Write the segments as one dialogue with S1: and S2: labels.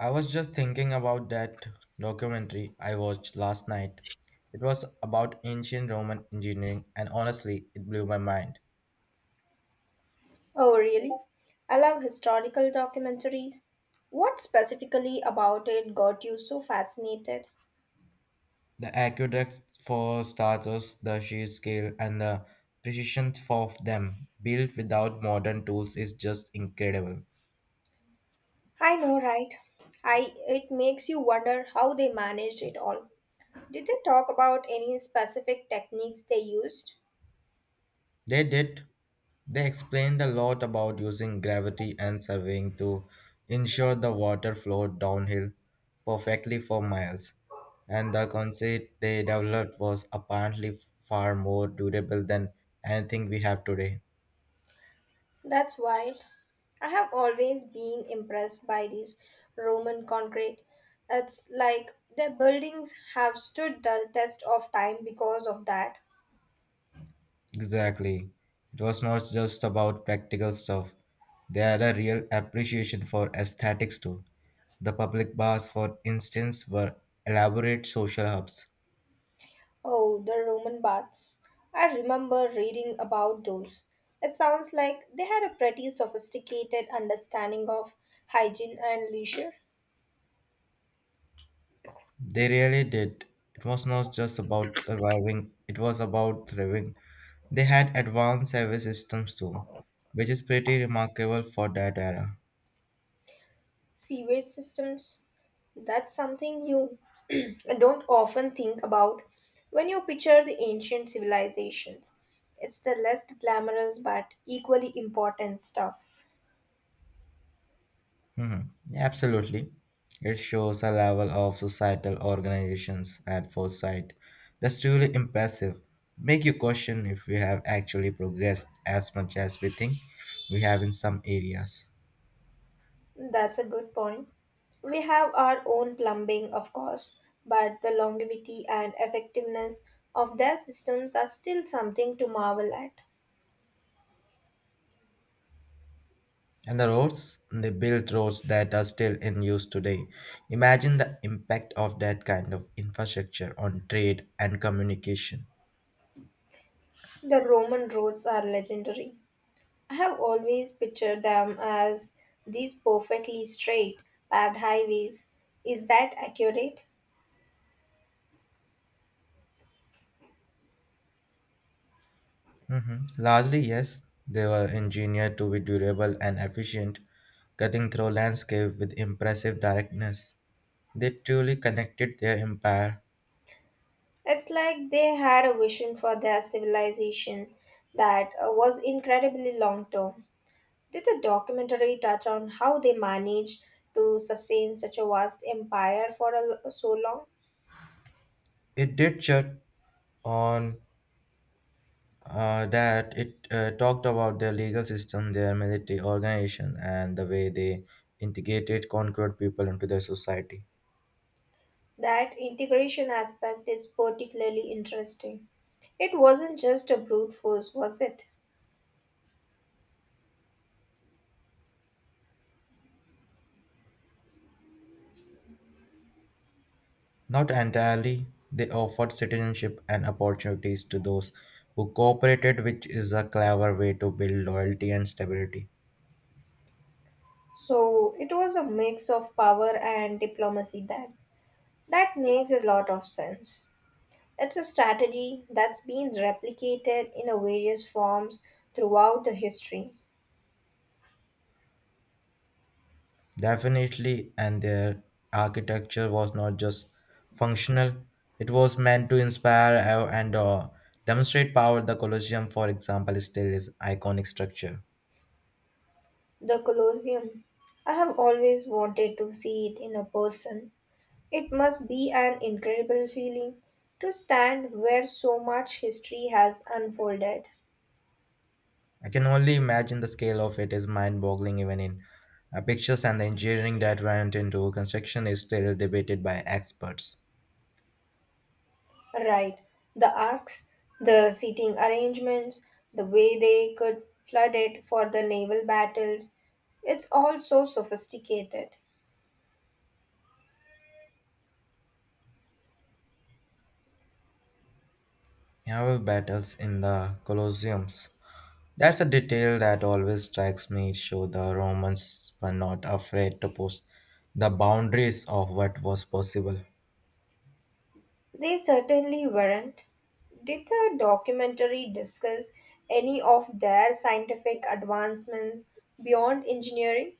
S1: I was just thinking about that documentary I watched last night. It was about ancient Roman engineering, and honestly, it blew my mind.
S2: Oh, really? I love historical documentaries. What specifically about it got you so fascinated?
S1: The aqueducts, for starters, the sheer scale and the precision of them, built without modern tools, is just incredible.
S2: I know, right? I It makes you wonder how they managed it all. Did they talk about any specific techniques they used?
S1: They did. They explained a lot about using gravity and surveying to ensure the water flowed downhill perfectly for miles. And the concept they developed was apparently far more durable than anything we have today.
S2: That's wild. I have always been impressed by these Roman concrete. It's like their buildings have stood the test of time because of that.
S1: Exactly. It was not just about practical stuff. They had a real appreciation for aesthetics too. The public baths, for instance, were elaborate social hubs.
S2: Oh, the Roman baths. I remember reading about those. It sounds like they had a pretty sophisticated understanding of hygiene and leisure.
S1: They really did. It was not just about surviving, it was about thriving. They had advanced service systems too, which is pretty remarkable for that era.
S2: Sewage systems. That's something you don't often think about when you picture the ancient civilizations. It's the less glamorous but equally important stuff.
S1: Mhm. Absolutely. It shows a level of societal organizations and foresight that's truly impressive. Make you question if we have actually progressed as much as we think we have in some areas.
S2: That's a good point. We have our own plumbing, of course, but the longevity and effectiveness of their systems are still something to marvel at.
S1: And the roads, they built roads that are still in use today. Imagine the impact of that kind of infrastructure on trade and communication.
S2: The Roman roads are legendary. I have always pictured them as these perfectly straight, paved highways. Is that accurate?
S1: Mhm. Largely, yes, they were engineered to be durable and efficient, cutting through landscape with impressive directness. They truly connected their empire.
S2: It's like they had a vision for their civilization that was incredibly long term. Did the documentary touch on how they managed to sustain such a vast empire for a, so long?
S1: It did shut on that it talked about their legal system, their military organization, and the way they integrated conquered people into their society.
S2: That integration aspect is particularly interesting. It wasn't just a brute force, was it?
S1: Not entirely, they offered citizenship and opportunities to those who cooperated, which is a clever way to build loyalty and stability.
S2: So it was a mix of power and diplomacy then. That makes a lot of sense. It's a strategy that's been replicated in a various forms throughout the history.
S1: Definitely, and their architecture was not just functional, it was meant to inspire and demonstrate power. The Colosseum, for example, is still is iconic structure.
S2: The Colosseum. I have always wanted to see it in a person. It must be an incredible feeling to stand where so much history has unfolded.
S1: I can only imagine the scale of it is mind boggling, even in pictures, and the engineering that went into construction is still debated by experts.
S2: Right, the arcs, the seating arrangements, the way they could flood it for the naval battles, it's all so sophisticated.
S1: Naval battles in the Colosseums. That's a detail that always strikes me. It Show the Romans were not afraid to push the boundaries of what was possible.
S2: They certainly weren't. Did the documentary discuss any of their scientific advancements beyond engineering?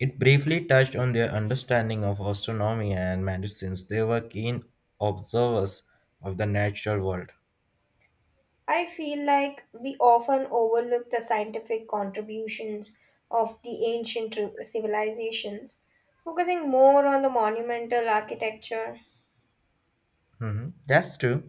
S1: It briefly touched on their understanding of astronomy and medicines. They were keen observers of the natural world.
S2: I feel like we often overlook the scientific contributions of the ancient civilizations, focusing more on the monumental architecture.
S1: Mhm. That's true.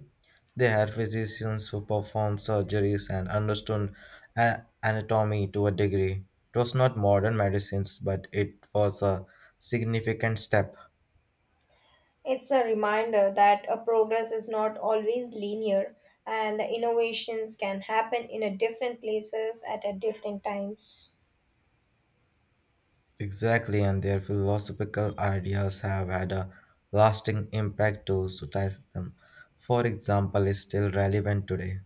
S1: They had physicians who performed surgeries and understood anatomy to a degree. It was not modern medicines, but it was a significant step.
S2: It's a reminder that a progress is not always linear and the innovations can happen in a different places at a different times.
S1: Exactly, and their philosophical ideas have had a lasting impact to society. For example, is still relevant today.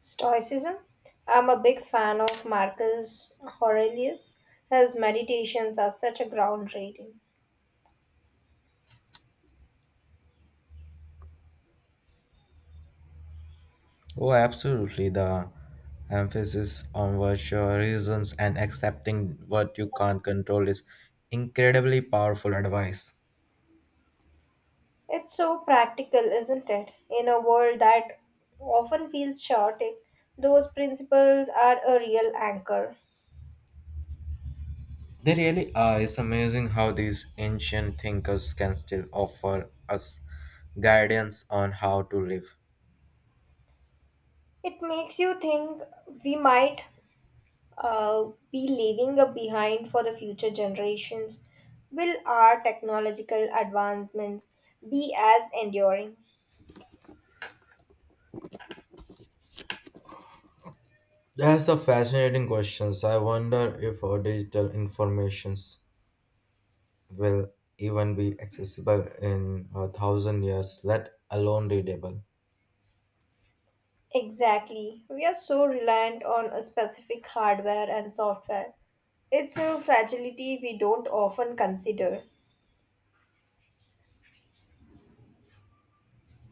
S2: Stoicism. I'm a big fan of Marcus Aurelius. His meditations are such a groundbreaking.
S1: Oh, absolutely. The emphasis on virtue, reasons, and accepting what you can't control is incredibly powerful advice.
S2: It's so practical, isn't it? In a world that often feels chaotic, those principles are a real anchor.
S1: They really are. It's amazing how these ancient thinkers can still offer us guidance on how to live.
S2: It makes you think we might uh, be leaving a behind for the future generations. Will our technological advancements be as enduring?
S1: That's a fascinating question. I wonder if our digital informations will even be accessible in a thousand years, let alone readable.
S2: Exactly. We are so reliant on a specific hardware and software. It's a fragility we don't often consider.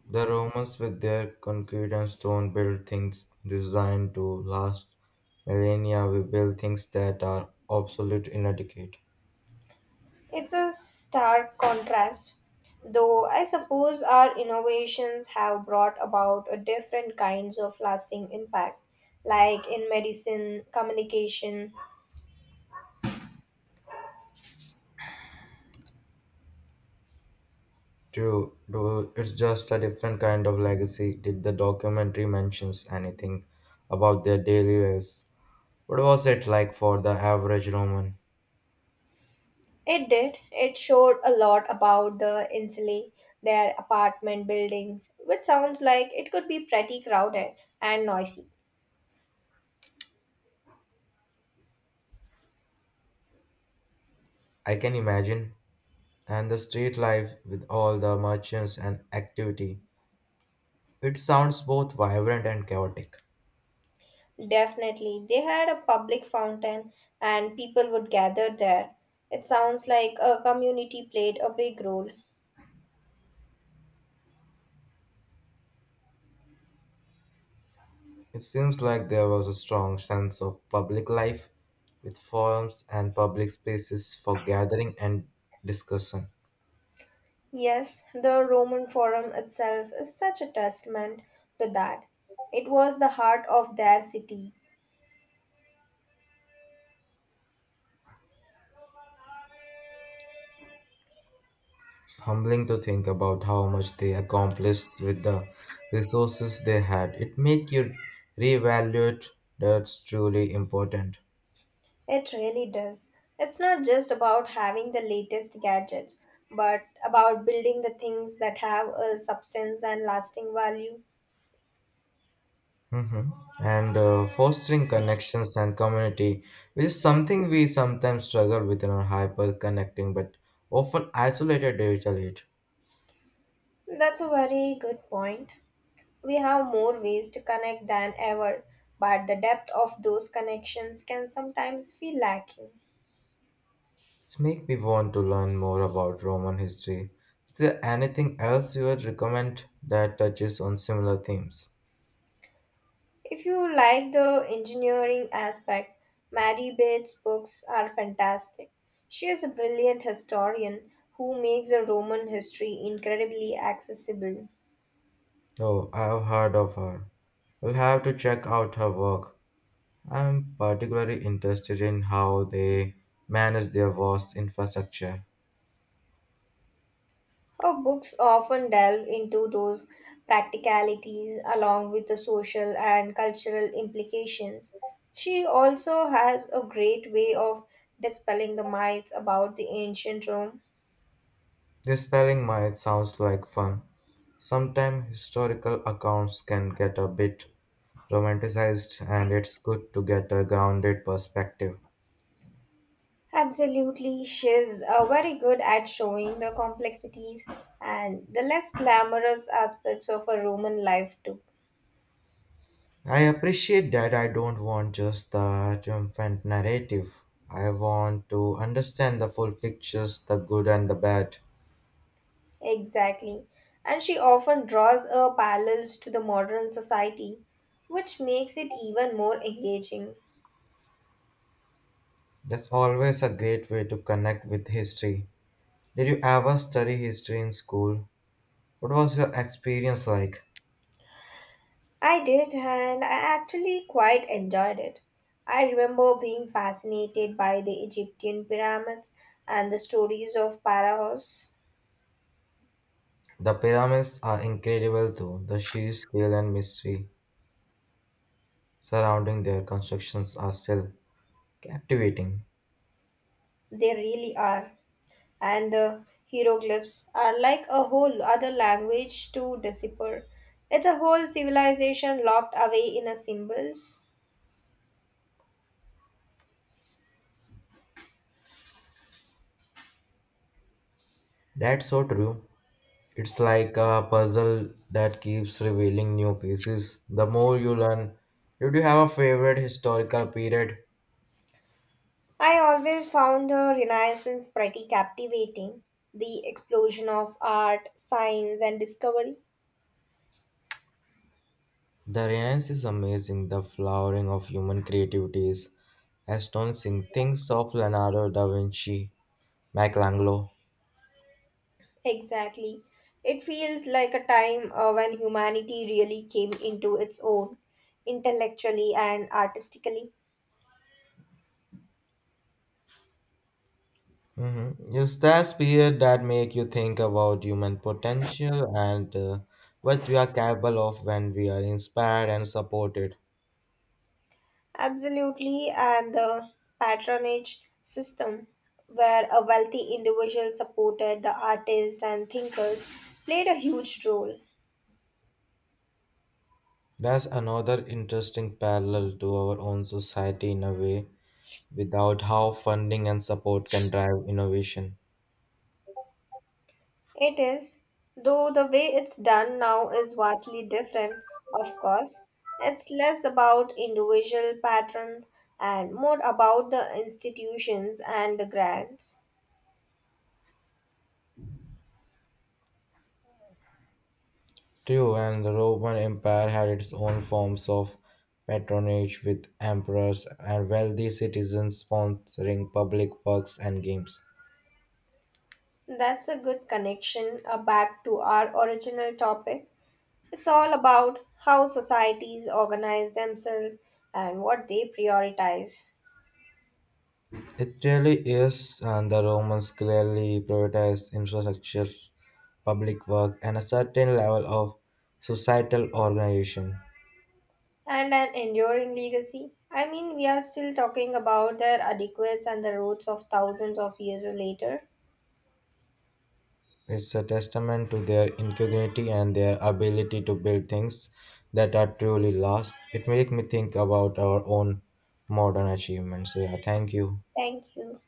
S1: The Romans, with their concrete and stone, built things designed to last millennia. We build things that are obsolete in a decade.
S2: It's a stark contrast, though I suppose our innovations have brought about a different kinds of lasting impact, like in medicine, communication.
S1: True, though it's just a different kind of legacy. Did the documentary mentions anything about their daily lives? What was it like for the average Roman?
S2: It did. It showed a lot about the Insulae, their apartment buildings, which sounds like it could be pretty crowded and noisy.
S1: I can imagine. And the street life with all the merchants and activity. It sounds both vibrant and chaotic.
S2: Definitely, they had a public fountain and people would gather there. It sounds like a community played a big role.
S1: It seems like there was a strong sense of public life, with forums and public spaces for gathering and discussion.
S2: Yes, the Roman Forum itself is such a testament to that. It was the heart of their city.
S1: It's humbling to think about how much they accomplished with the resources they had. It makes you reevaluate that's truly important.
S2: It really does. It's not just about having the latest gadgets, but about building the things that have a substance and lasting value.
S1: Mhm. And fostering connections and community, which is something we sometimes struggle with in our hyper connecting but often isolated digital age.
S2: That's a very good point. We have more ways to connect than ever, but the depth of those connections can sometimes feel lacking.
S1: It's make me want to learn more about Roman history. Is there anything else you would recommend that touches on similar themes?
S2: If you like the engineering aspect, Mary Bates' books are fantastic. She is a brilliant historian who makes the Roman history incredibly accessible.
S1: Oh, I have heard of her. We'll have to check out her work. I'm particularly interested in how they manage their vast infrastructure.
S2: Her books often delve into those practicalities along with the social and cultural implications. She also has a great way of dispelling the myths about the ancient Rome.
S1: This spelling might sounds like fun. Sometimes historical accounts can get a bit romanticized, and it's good to get a grounded perspective.
S2: Absolutely, she's very good at showing the complexities and the less glamorous aspects of a Roman life, too.
S1: I appreciate that I don't want just the triumphant narrative. I want to understand the full pictures, the good and the bad.
S2: Exactly. And she often draws parallels to the modern society, which makes it even more engaging.
S1: That's always a great way to connect with history. Did you ever study history in school? What was your experience like?
S2: I did, and I actually quite enjoyed it. I remember being fascinated by the Egyptian pyramids and the stories of Pharaohs.
S1: The pyramids are incredible too. The sheer scale and mystery surrounding their constructions are still captivating.
S2: They really are. And the hieroglyphs are like a whole other language to decipher. It's a whole civilization locked away in a symbols.
S1: That's so true. It's like a puzzle that keeps revealing new pieces the more you learn. Did you have a favorite historical period?
S2: I always found the Renaissance pretty captivating. The explosion of art, science, and discovery.
S1: The Renaissance is amazing. The flowering of human creativity is astonishing. Things of Leonardo da Vinci, Michelangelo.
S2: Exactly. It feels like a time when humanity really came into its own, intellectually and artistically.
S1: It's that period that make you think about human potential and what we are capable of when we are inspired and supported.
S2: Absolutely, and the patronage system, where a wealthy individual supported the artists and thinkers, played a huge role.
S1: That's another interesting parallel to our own society in a way. Without how funding and support can drive innovation.
S2: It is, though the way it's done now is vastly different, of course. It's less about individual patrons and more about the institutions and the grants.
S1: True, and the Roman Empire had its own forms of patronage with emperors and wealthy citizens sponsoring public works and games.
S2: That's a good connection back to our original topic. It's all about how societies organize themselves and what they prioritize.
S1: It really is, and the Romans clearly prioritized infrastructures, public work, and a certain level of societal organization.
S2: And an enduring legacy. I mean, we are still talking about their adequates and the roots of thousands of years later.
S1: It's a testament to their ingenuity and their ability to build things that are truly last. It makes me think about our own modern achievements. So, yeah, thank you.
S2: Thank you.